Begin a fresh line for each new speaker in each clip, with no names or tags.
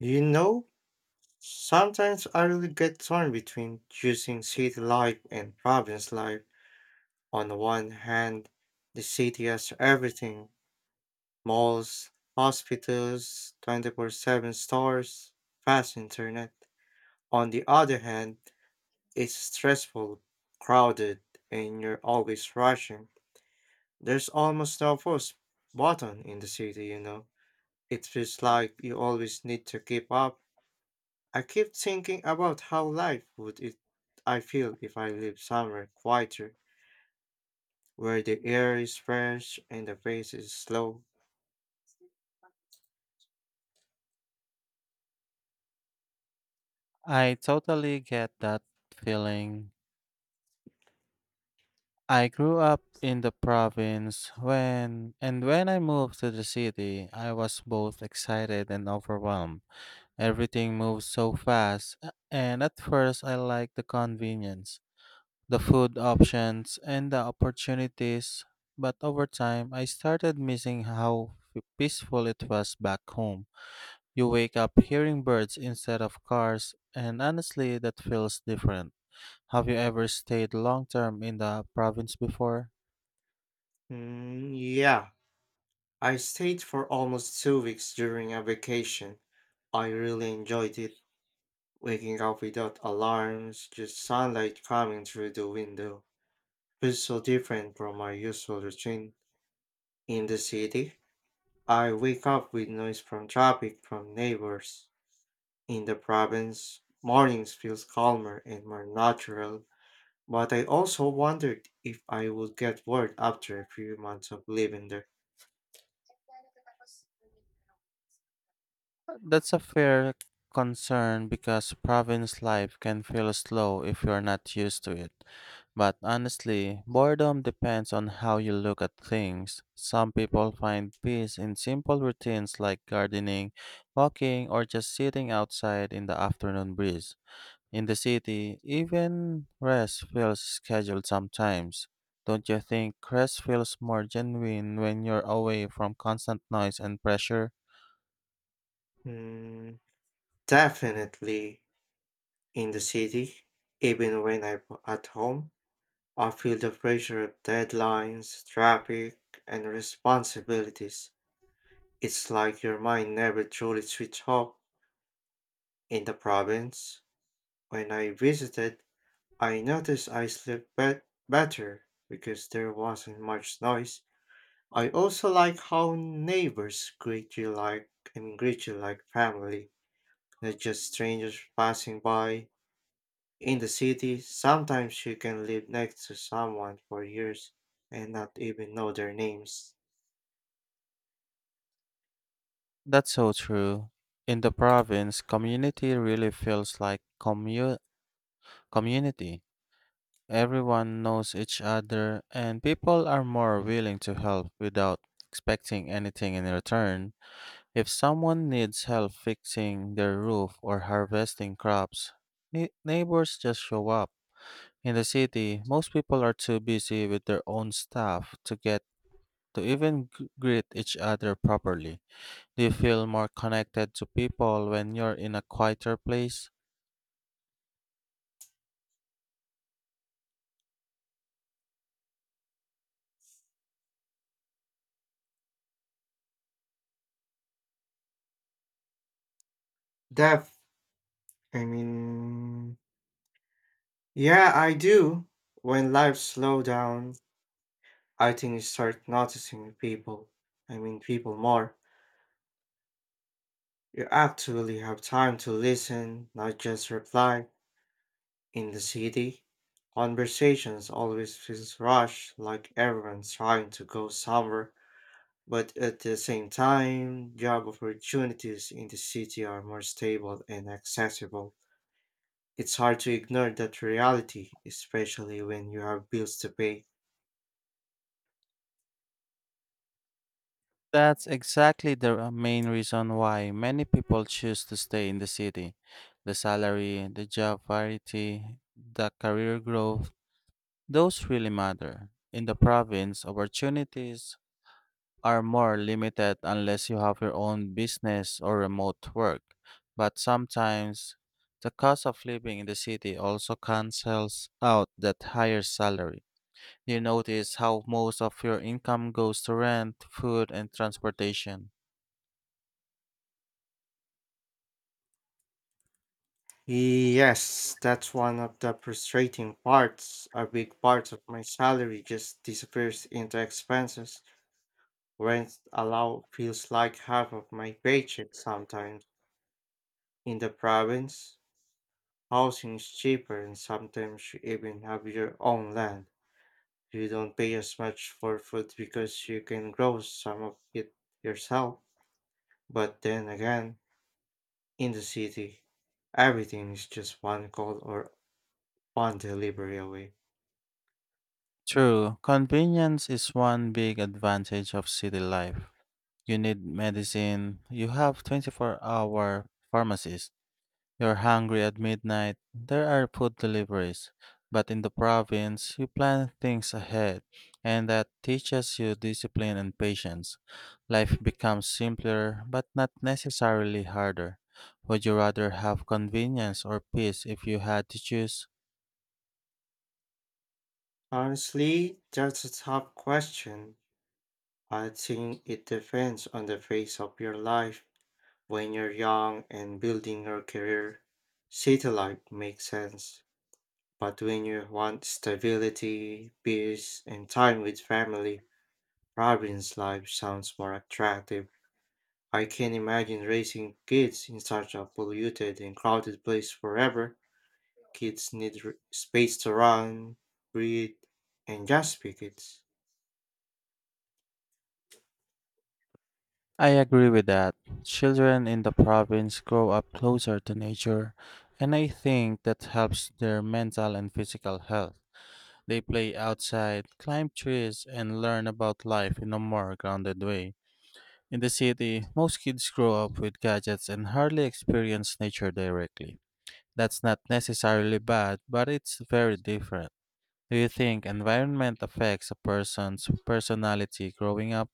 You know, sometimes I really get torn between choosing city life and province life. On the one hand, the city has everything malls, hospitals, 24 7 stores, fast internet. On the other hand, it's stressful, crowded, and you're always rushing. There's almost no pause button in the city. It feels like you always need to keep up. I keep thinking about how life would it I feel if I live somewhere quieter, where the air is fresh and the pace is slow.
I totally get that feeling. I grew up in the province when I moved to the city, I was both excited and overwhelmed. Everything moved so fast, and at first I liked the convenience, the food options, and the opportunities, but over time I started missing how peaceful it was back home. You wake up hearing birds instead of cars, and honestly that feels different. Have you ever stayed long term in the province before?
Mm, yeah, I stayed for almost 2 weeks during a vacation. I really enjoyed it, waking up without alarms, just sunlight coming through the window. Feels so different from my usual routine in the city. I wake up with noise from traffic, from neighbors. In the province, mornings feels calmer and more natural, but I also wondered if I would get bored after a few months of living there.
That's a fair concern because province life can feel slow if you're not used to it. But honestly, boredom depends on how you look at things. Some people find peace in simple routines like gardening, walking, or just sitting outside in the afternoon breeze. In the city, even rest feels scheduled sometimes. Don't you think rest feels more genuine when you're away from constant noise and pressure?
Mm, definitely. In the city, even when I'm at home, I feel the pressure of deadlines, traffic, and responsibilities. It's like your mind never truly switches off. In the province, when I visited, I noticed I slept better because there wasn't much noise. I also like how neighbors greet you like, I mean, greet you like family, not just strangers passing by. In the city, sometimes you can live next to someone for years and not even know their names.
That's so true. In the province, community really feels like community. Everyone knows each other, and people are more willing to help without expecting anything in return. If someone needs help fixing their roof or harvesting crops, neighbors just show up. In the city, most people are too busy with their own stuff to get to even greet each other properly. Do you feel more connected to people when you're in a quieter place?
Depth, I mean, yeah, I do. When life slow down, I think you start noticing people, more. You actually have time to listen, not just reply. In the city, conversations always feels rushed, like everyone's trying to go somewhere. But at the same time, job opportunities in the city are more stable and accessible. It's hard to ignore that reality, especially when you have bills to pay.
That's exactly the main reason why many people choose to stay in the city. The salary, the job variety, the career growth, those really matter. In the province, opportunities are more limited unless you have your own business or remote work. But sometimes the cost of living in the city also cancels out that higher salary. You notice how most of your income goes to rent, food, and transportation.
Yes, that's one of the frustrating parts. A big part of my salary just disappears into expenses. Rent alone feels like half of my paycheck sometimes. In the province, housing is cheaper and sometimes you even have your own land. You don't pay as much for food because you can grow some of it yourself. But then again, in the city, everything is just one call or one delivery away.
True, convenience is one big advantage of city life. You need medicine, you have 24-hour hour pharmacies. You're hungry at midnight. There are food deliveries. But in the province, you plan things ahead, and that teaches you discipline and patience. Life becomes simpler, but not necessarily harder. Would you rather have convenience or peace if you had to choose?
Honestly, that's a tough question. I think it depends on the phase of your life. When you're young and building your career, satellite makes sense. But when you want stability, peace, and time with family, province life sounds more attractive. I can imagine raising kids in such a polluted and crowded place forever. Kids need space to run, breathe, and just be kids.
I agree with that. Children in the province grow up closer to nature, and I think that helps their mental and physical health. They play outside, climb trees, and learn about life in a more grounded way. In the city, most kids grow up with gadgets and hardly experience nature directly. That's not necessarily bad, but it's very different. Do you think environment affects a person's personality growing up?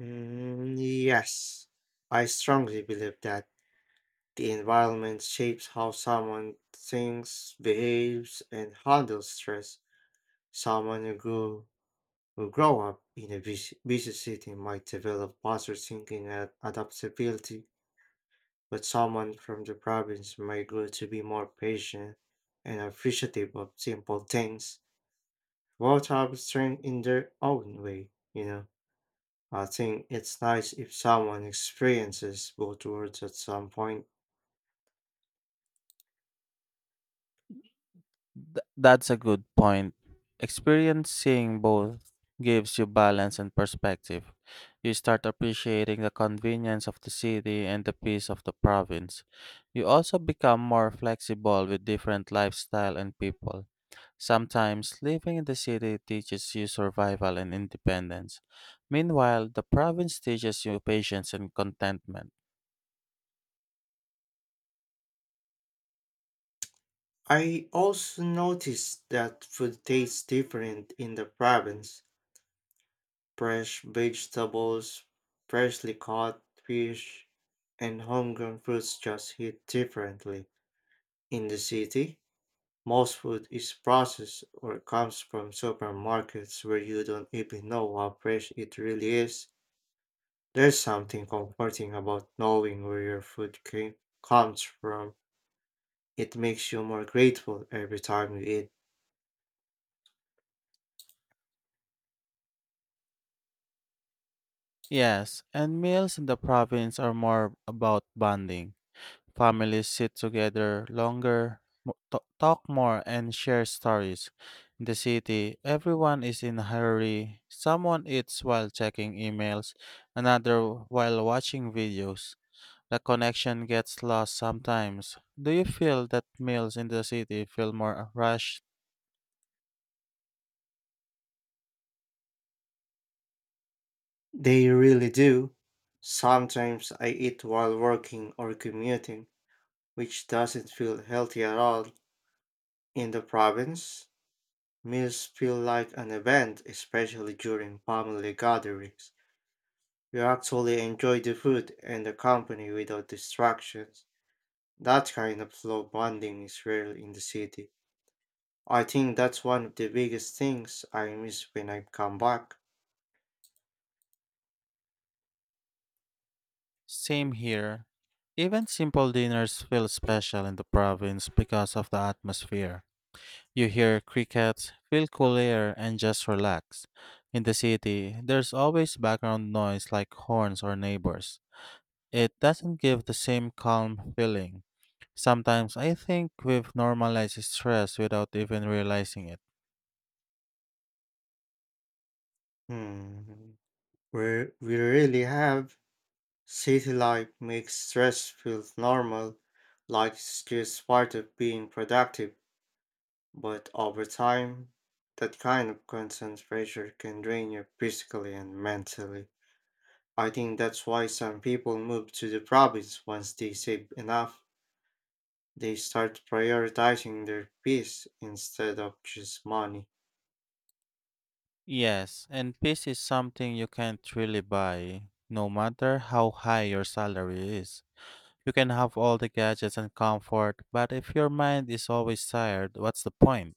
Mm, yes, I strongly believe that. The environment shapes how someone thinks, behaves, and handles stress. Someone who grow up in a busy city might develop faster thinking and adaptability, but someone from the province might grow to be more patient and appreciative of simple things. Both have strength in their own way. I think it's nice if someone experiences both worlds at some point.
That's a good point. Experiencing both gives you balance and perspective. You start appreciating the convenience of the city and the peace of the province. You also become more flexible with different lifestyle and people. Sometimes living in the city teaches you survival and independence. Meanwhile, the province teaches you patience and contentment.
I also noticed that food tastes different in the province. Fresh vegetables, freshly caught fish, and homegrown fruits just hit differently. In the city, most food is processed or comes from supermarkets where you don't even know how fresh it really is. There's something comforting about knowing where your food comes from. It makes you more grateful every time you eat.
Yes, and meals in the province are more about bonding. Families sit together longer, talk more, and share stories. In the city, everyone is in a hurry. Someone eats while checking emails, another while watching videos. The connection gets lost sometimes. Do you feel that meals in the city feel more rushed?
They really do. Sometimes I eat while working or commuting, which doesn't feel healthy at all. In the province, meals feel like an event, especially during family gatherings. You actually enjoy the food and the company without distractions. That kind of slow bonding is rare in the city. I think that's one of the biggest things I miss when I come back.
Same here. Even simple dinners feel special in the province because of the atmosphere. You hear crickets, feel cool air, and just relax. In the city, there's always background noise like horns or neighbors. It doesn't give the same calm feeling. Sometimes I think we've normalized stress without even realizing it.
Hmm, we really have. City life makes stress feel normal, like it's just part of being productive, but over time, that kind of constant pressure can drain you physically and mentally. I think that's why some people move to the province once they save enough. They start prioritizing their peace instead of just money.
Yes, and peace is something you can't really buy, no matter how high your salary is. You can have all the gadgets and comfort, but if your mind is always tired, what's the point?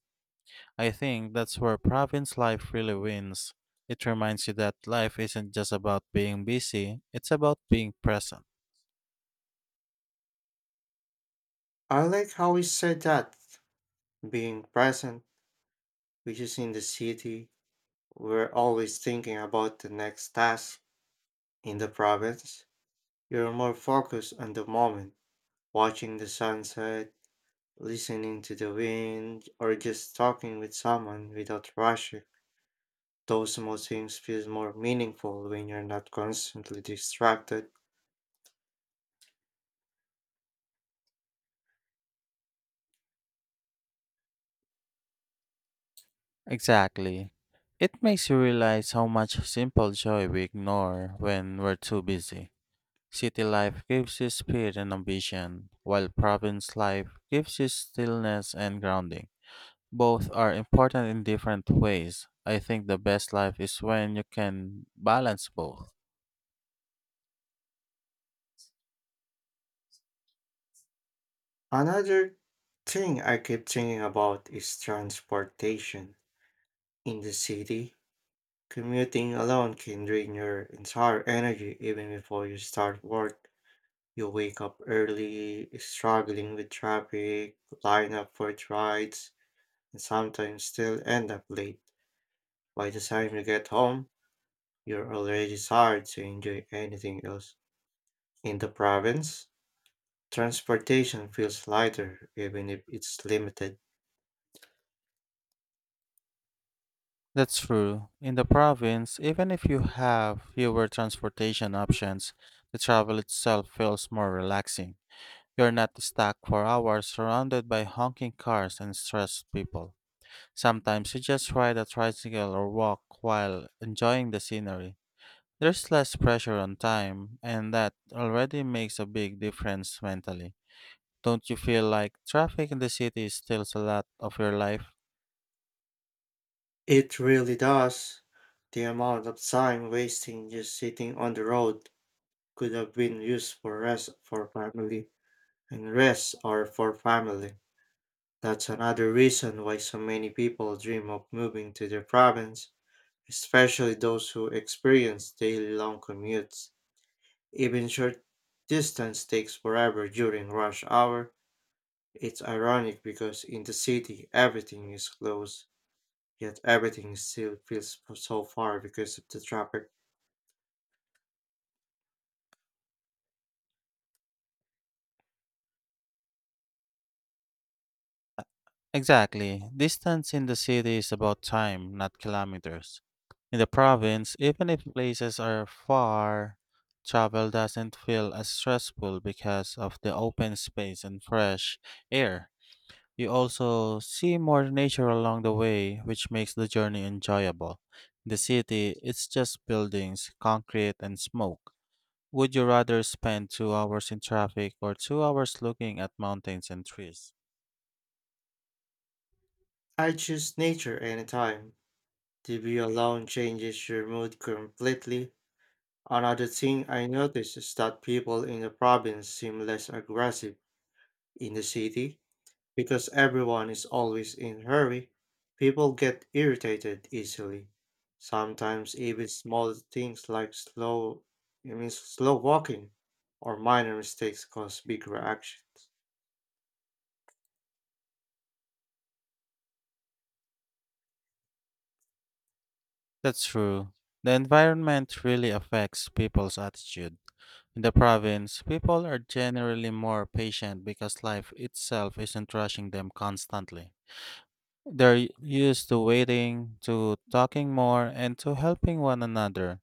I think that's where province life really wins. It reminds you that life isn't just about being busy, it's about being present.
I like how he said that being present, which is in the city, we're always thinking about the next task. In the province, you're more focused on the moment, watching the sunset, listening to the wind, or just talking with someone without rushing. Those small things feel more meaningful when you're not constantly distracted.
Exactly. It makes you realize how much simple joy we ignore when we're too busy. City life gives you speed and ambition, while province life gives you stillness and grounding. Both are important in different ways. I think the best life is when you can balance both.
Another thing I keep thinking about is transportation. In the city, commuting alone can drain your entire energy even before you start work. You wake up early, struggling with traffic, line up for rides, and sometimes still end up late. By the time you get home, you're already tired to enjoy anything else. In the province, transportation feels lighter, even if it's limited.
That's true. In the province, even if you have fewer transportation options, the travel itself feels more relaxing. You're not stuck for hours surrounded by honking cars and stressed people. Sometimes you just ride a tricycle or walk while enjoying the scenery. There's less pressure on time, and that already makes a big difference mentally. Don't you feel like traffic in the city steals a lot of your life?
It really does. The amount of time wasting just sitting on the road could have been used for rest or for family. That's another reason why so many people dream of moving to the province, especially those who experience daily long commutes. Even short distance takes forever during rush hour. It's ironic because in the city everything is close, yet everything still feels so far because of the traffic.
Exactly. Distance in the city is about time, not kilometers. In the province, even if places are far, travel doesn't feel as stressful because of the open space and fresh air. You also see more nature along the way, which makes the journey enjoyable. In the city, it's just buildings, concrete, and smoke. Would you rather spend 2 hours in traffic or 2 hours looking at mountains and trees?
I choose nature anytime. The view alone changes your mood completely. Another thing I notice is that people in the province seem less aggressive. In the city, because everyone is always in a hurry, people get irritated easily. Sometimes even small things like slow, I mean slow walking or minor mistakes cause big reactions.
That's true. The environment really affects people's attitude. In the province, people are generally more patient because life itself isn't rushing them constantly. They're used to waiting, to talking more, and to helping one another.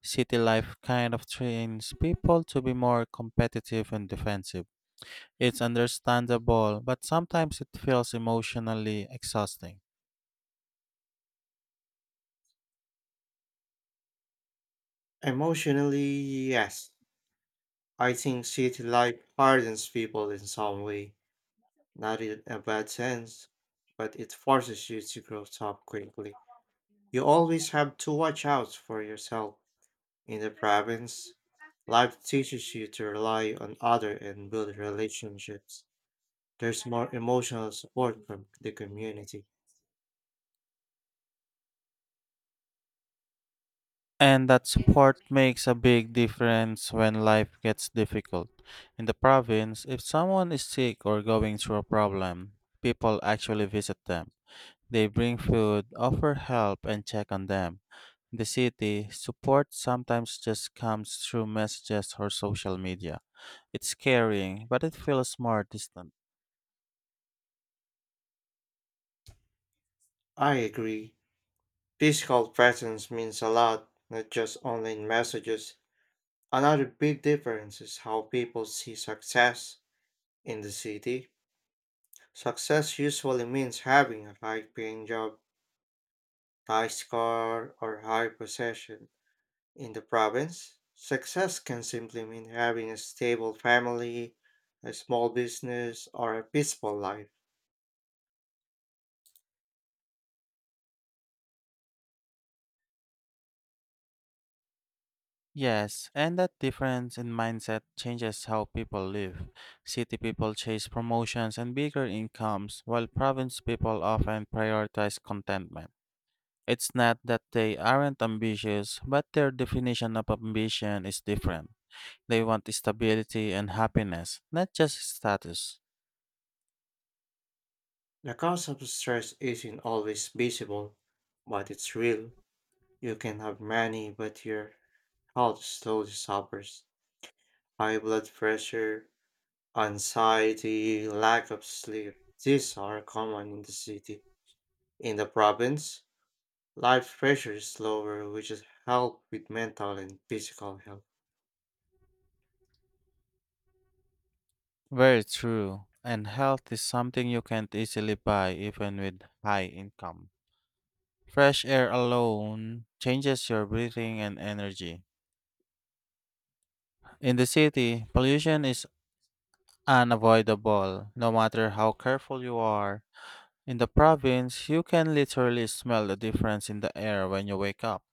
City life kind of trains people to be more competitive and defensive. It's understandable, but sometimes it feels emotionally exhausting.
Emotionally, yes. I think city life hardens people in some way, not in a bad sense, but it forces you to grow up quickly. You always have to watch out for yourself. In the province, life teaches you to rely on others and build relationships. There's more emotional support from the community.
And that support makes a big difference when life gets difficult. In the province, if someone is sick or going through a problem, people actually visit them. They bring food, offer help, and check on them. In the city, support sometimes just comes through messages or social media. It's caring, but it feels more distant.
I agree. Physical presence means a lot, not just online messages. Another big difference is how people see success in the city. Success usually means having a high paying job, nice car, or high possession. In the province, success can simply mean having a stable family, a small business, or a peaceful life.
Yes, and that difference in mindset changes how people live. City people chase promotions and bigger incomes, while province people often prioritize contentment. It's not that they aren't ambitious, but their definition of ambition is different. They want stability and happiness, not just status.
The cause of stress isn't always visible, but it's real. You can have money, but your health slowly suffers. High blood pressure, anxiety, lack of sleep. These are common in the city. In the province, life pressure is lower, which is help with mental and physical health.
Very true, and health is something you can't easily buy even with high income. Fresh air alone changes your breathing and energy. In the city, pollution is unavoidable, no matter how careful you are. In the province, you can literally smell the difference in the air when you wake up.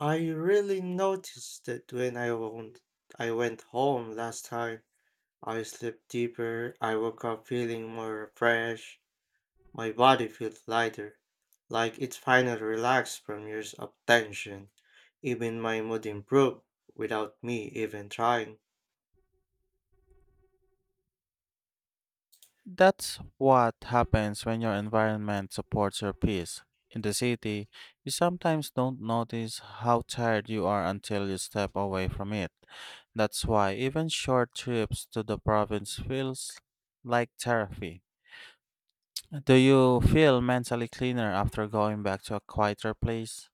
I really noticed it when I went home last time. I slept deeper, I woke up feeling more refreshed, my body feels lighter, like it finally relaxed from years of tension. Even my mood improved without me even trying.
That's what happens when your environment supports your peace. In the city, you sometimes don't notice how tired you are until you step away from it. That's why even short trips to the province feels like therapy. Do you feel mentally cleaner after going back to a quieter place?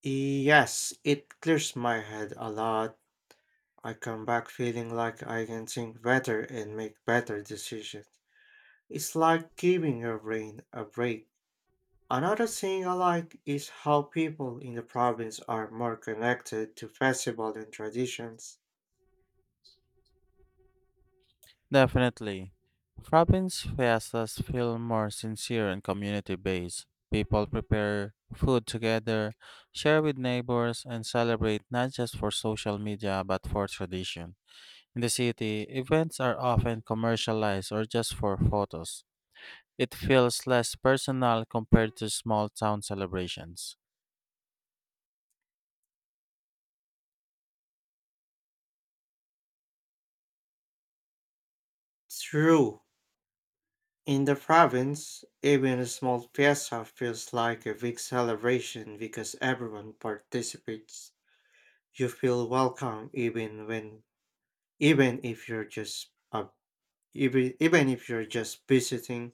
Yes, it clears my head a lot. I come back feeling like I can think better and make better decisions. It's like giving your brain a break. Another thing I like is how people in the province are more connected to festivals and traditions.
Definitely. Province fiestas feel more sincere and community based. People prepare food together, share with neighbors, and celebrate not just for social media but for tradition. In the city, events are often commercialized or just for photos. It feels less personal compared to small town celebrations.
True, in the province, even a small fiesta feels like a big celebration because everyone participates. You feel welcome even when even if you're just even even if you're just visiting,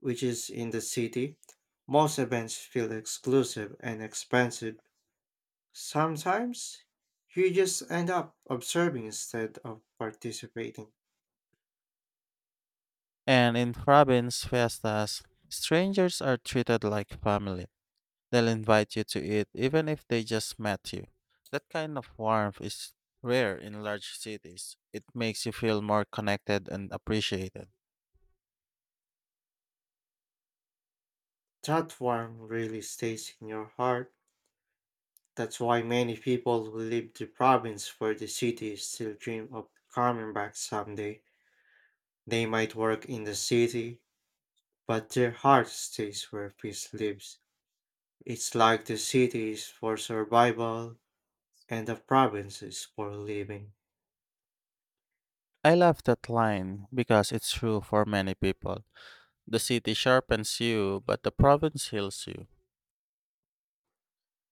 which is in the city. Most events feel exclusive and expensive. Sometimes you just end up observing instead of participating.
And in province fiestas, strangers are treated like family. They'll invite you to eat even if they just met you. That kind of warmth is rare in large cities. It makes you feel more connected and appreciated.
That one really stays in your heart. That's why many people who leave the province for the city still dream of coming back someday. They might work in the city, but their heart stays where peace lives. It's like the city is for survival and the province is for living.
I love that line because it's true for many people. The city sharpens you, but the province heals you.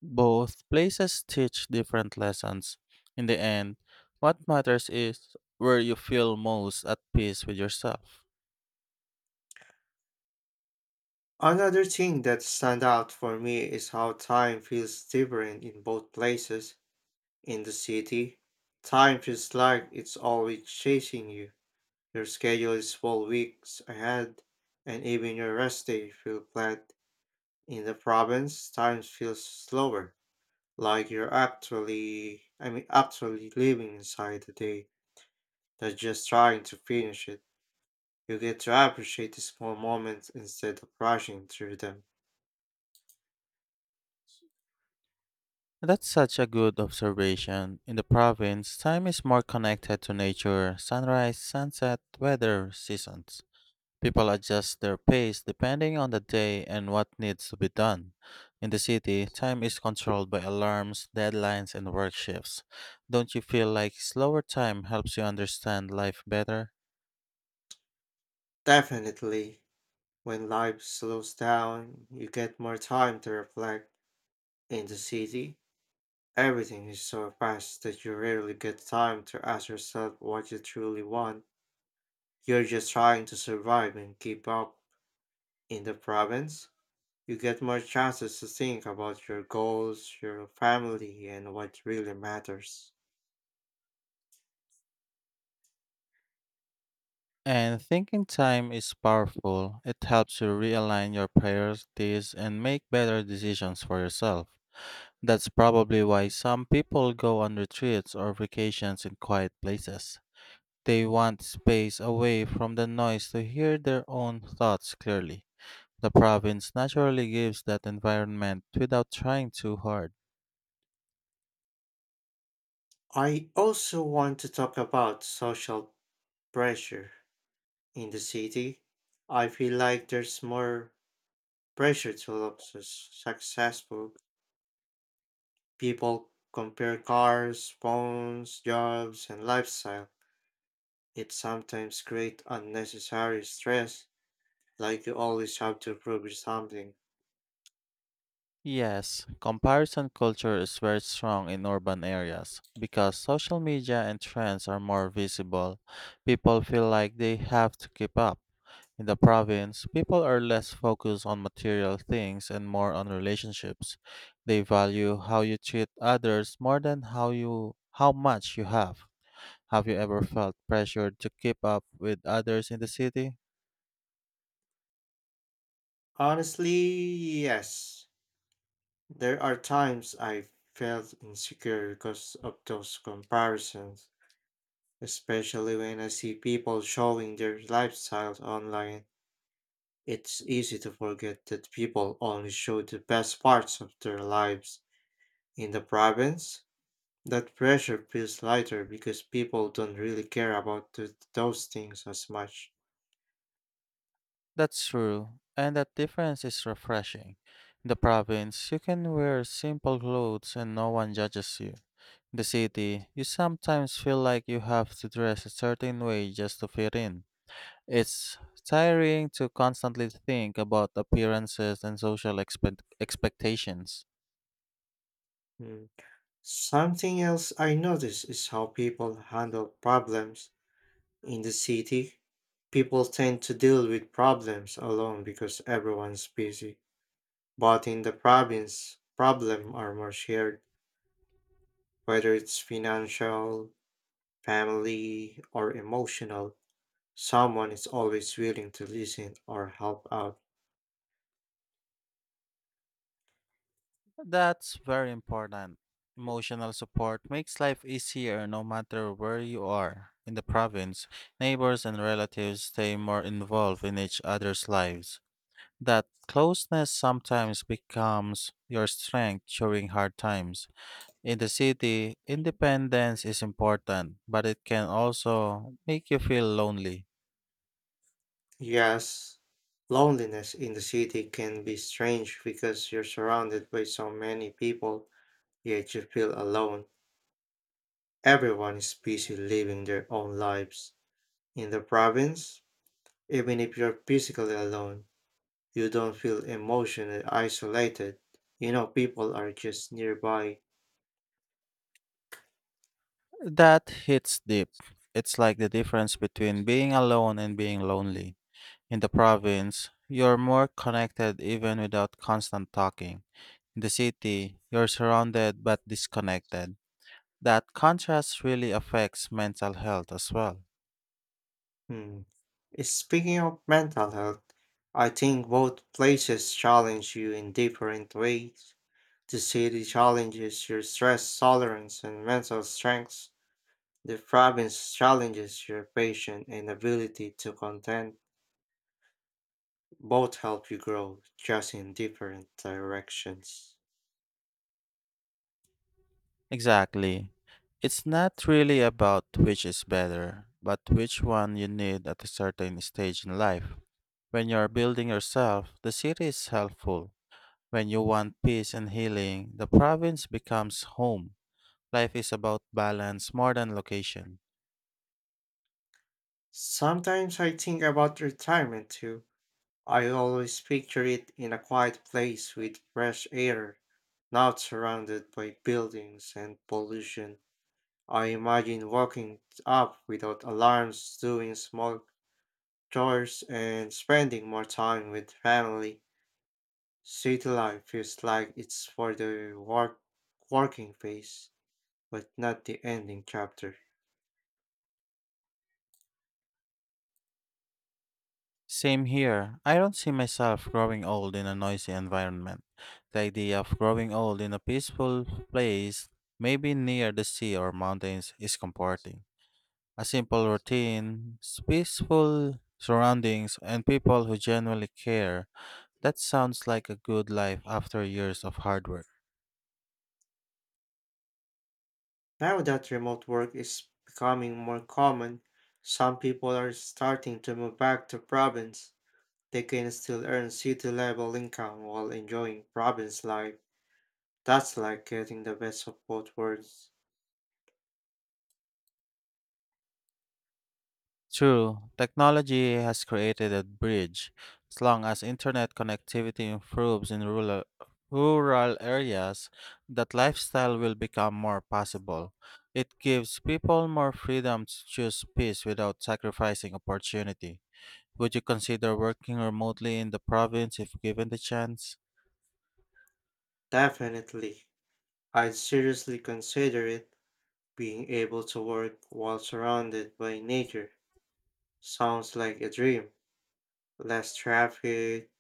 Both places teach different lessons. In the end, what matters is where you feel most at peace with yourself.
Another thing that stand out for me is how time feels different in both places. In the city, time feels like it's always chasing you. Your schedule is full weeks ahead, and even your rest day feel flat. In the province, time feels slower, like you're actually living inside the day, not just trying to finish it. You get to appreciate the small moments instead of rushing through them.
That's such a good observation. In the province, time is more connected to nature, sunrise, sunset, weather, seasons. People adjust their pace depending on the day and what needs to be done. In the city, time is controlled by alarms, deadlines, and work shifts. Don't you feel like slower time helps you understand life better?
Definitely. When life slows down, you get more time to reflect. In the city, everything is so fast that you rarely get time to ask yourself what you truly want. You're just trying to survive and keep up. In the province, you get more chances to think about your goals, your family, and what really matters.
And thinking time is powerful. It helps you realign your priorities and make better decisions for yourself. That's probably why some people go on retreats or vacations in quiet places. They want space away from the noise to hear their own thoughts clearly. The province naturally gives that environment without trying too hard.
I also want to talk about social pressure in the city. I feel like there's more pressure to look successful. People compare cars, phones, jobs, and lifestyle. It sometimes creates unnecessary stress, like you always have to prove something.
Yes, comparison culture is very strong in urban areas because social media and trends are more visible. People feel like they have to keep up. In the province, people are less focused on material things and more on relationships. They value how you treat others more than how much you have. Have you ever felt pressured to keep up with others in the city?
Honestly, yes. There are times I felt insecure because of those comparisons, especially when I see people showing their lifestyles online. It's easy to forget that people only show the best parts of their lives. In the province, that pressure feels lighter because people don't really care about those things as much.
That's true, and that difference is refreshing. In the province, you can wear simple clothes and no one judges you. In the city, you sometimes feel like you have to dress a certain way just to fit in. It's tiring to constantly think about appearances and social expectations.
Mm. Something else I notice is how people handle problems. In the city, people tend to deal with problems alone because everyone's busy. But in the province, problems are more shared, whether it's financial, family, or emotional. Someone is always willing to listen or help out.
That's very important. Emotional support makes life easier no matter where you are. In the province, neighbors and relatives stay more involved in each other's lives. That closeness sometimes becomes your strength during hard times. In the city, independence is important, but it can also make you feel lonely.
Yes, loneliness in the city can be strange because you're surrounded by so many people, yet you feel alone. Everyone is busy living their own lives. In the province, even if you're physically alone, you don't feel emotionally isolated. You know, people are just nearby.
That hits deep. It's like the difference between being alone and being lonely. In the province, you're more connected even without constant talking. In the city, you're surrounded but disconnected. That contrast really affects mental health as well.
Hmm. Speaking of mental health, I think both places challenge you in different ways. The city challenges your stress tolerance and mental strengths. The province challenges your patience and ability to contend. Both help you grow, just in different directions.
Exactly. It's not really about which is better, but which one you need at a certain stage in life. When you're building yourself, the city is helpful. When you want peace and healing, the province becomes home. Life is about balance more than location.
Sometimes I think about retirement too. I always picture it in a quiet place with fresh air, not surrounded by buildings and pollution. I imagine waking up without alarms, doing small chores, and spending more time with family. City life feels like it's for the working phase, but not the ending chapter.
Same here. I don't see myself growing old in a noisy environment. The idea of growing old in a peaceful place, maybe near the sea or mountains, is comforting. A simple routine, peaceful surroundings, and people who genuinely care. That sounds like a good life after years of hard work.
Now that remote work is becoming more common, some people are starting to move back to province. They can still earn city level income while enjoying province life. That's like getting the best of both worlds.
True, technology has created a bridge. As long as internet connectivity improves in rural areas, that lifestyle will become more possible. It gives people more freedom to choose peace without sacrificing opportunity. Would you consider working remotely in the province if given the chance?
Definitely. I'd seriously consider it. Being able to work while surrounded by nature sounds like a dream. Less traffic,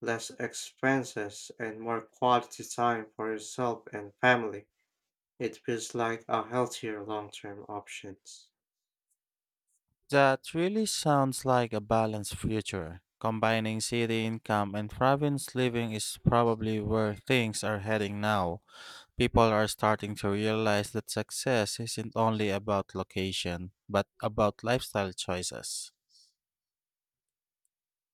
less expenses, and more quality time for yourself and family. It feels like a healthier long term options.
That really sounds like a balanced future. Combining city income and province living is probably where things are heading now. People are starting to realize that success isn't only about location, but about lifestyle choices.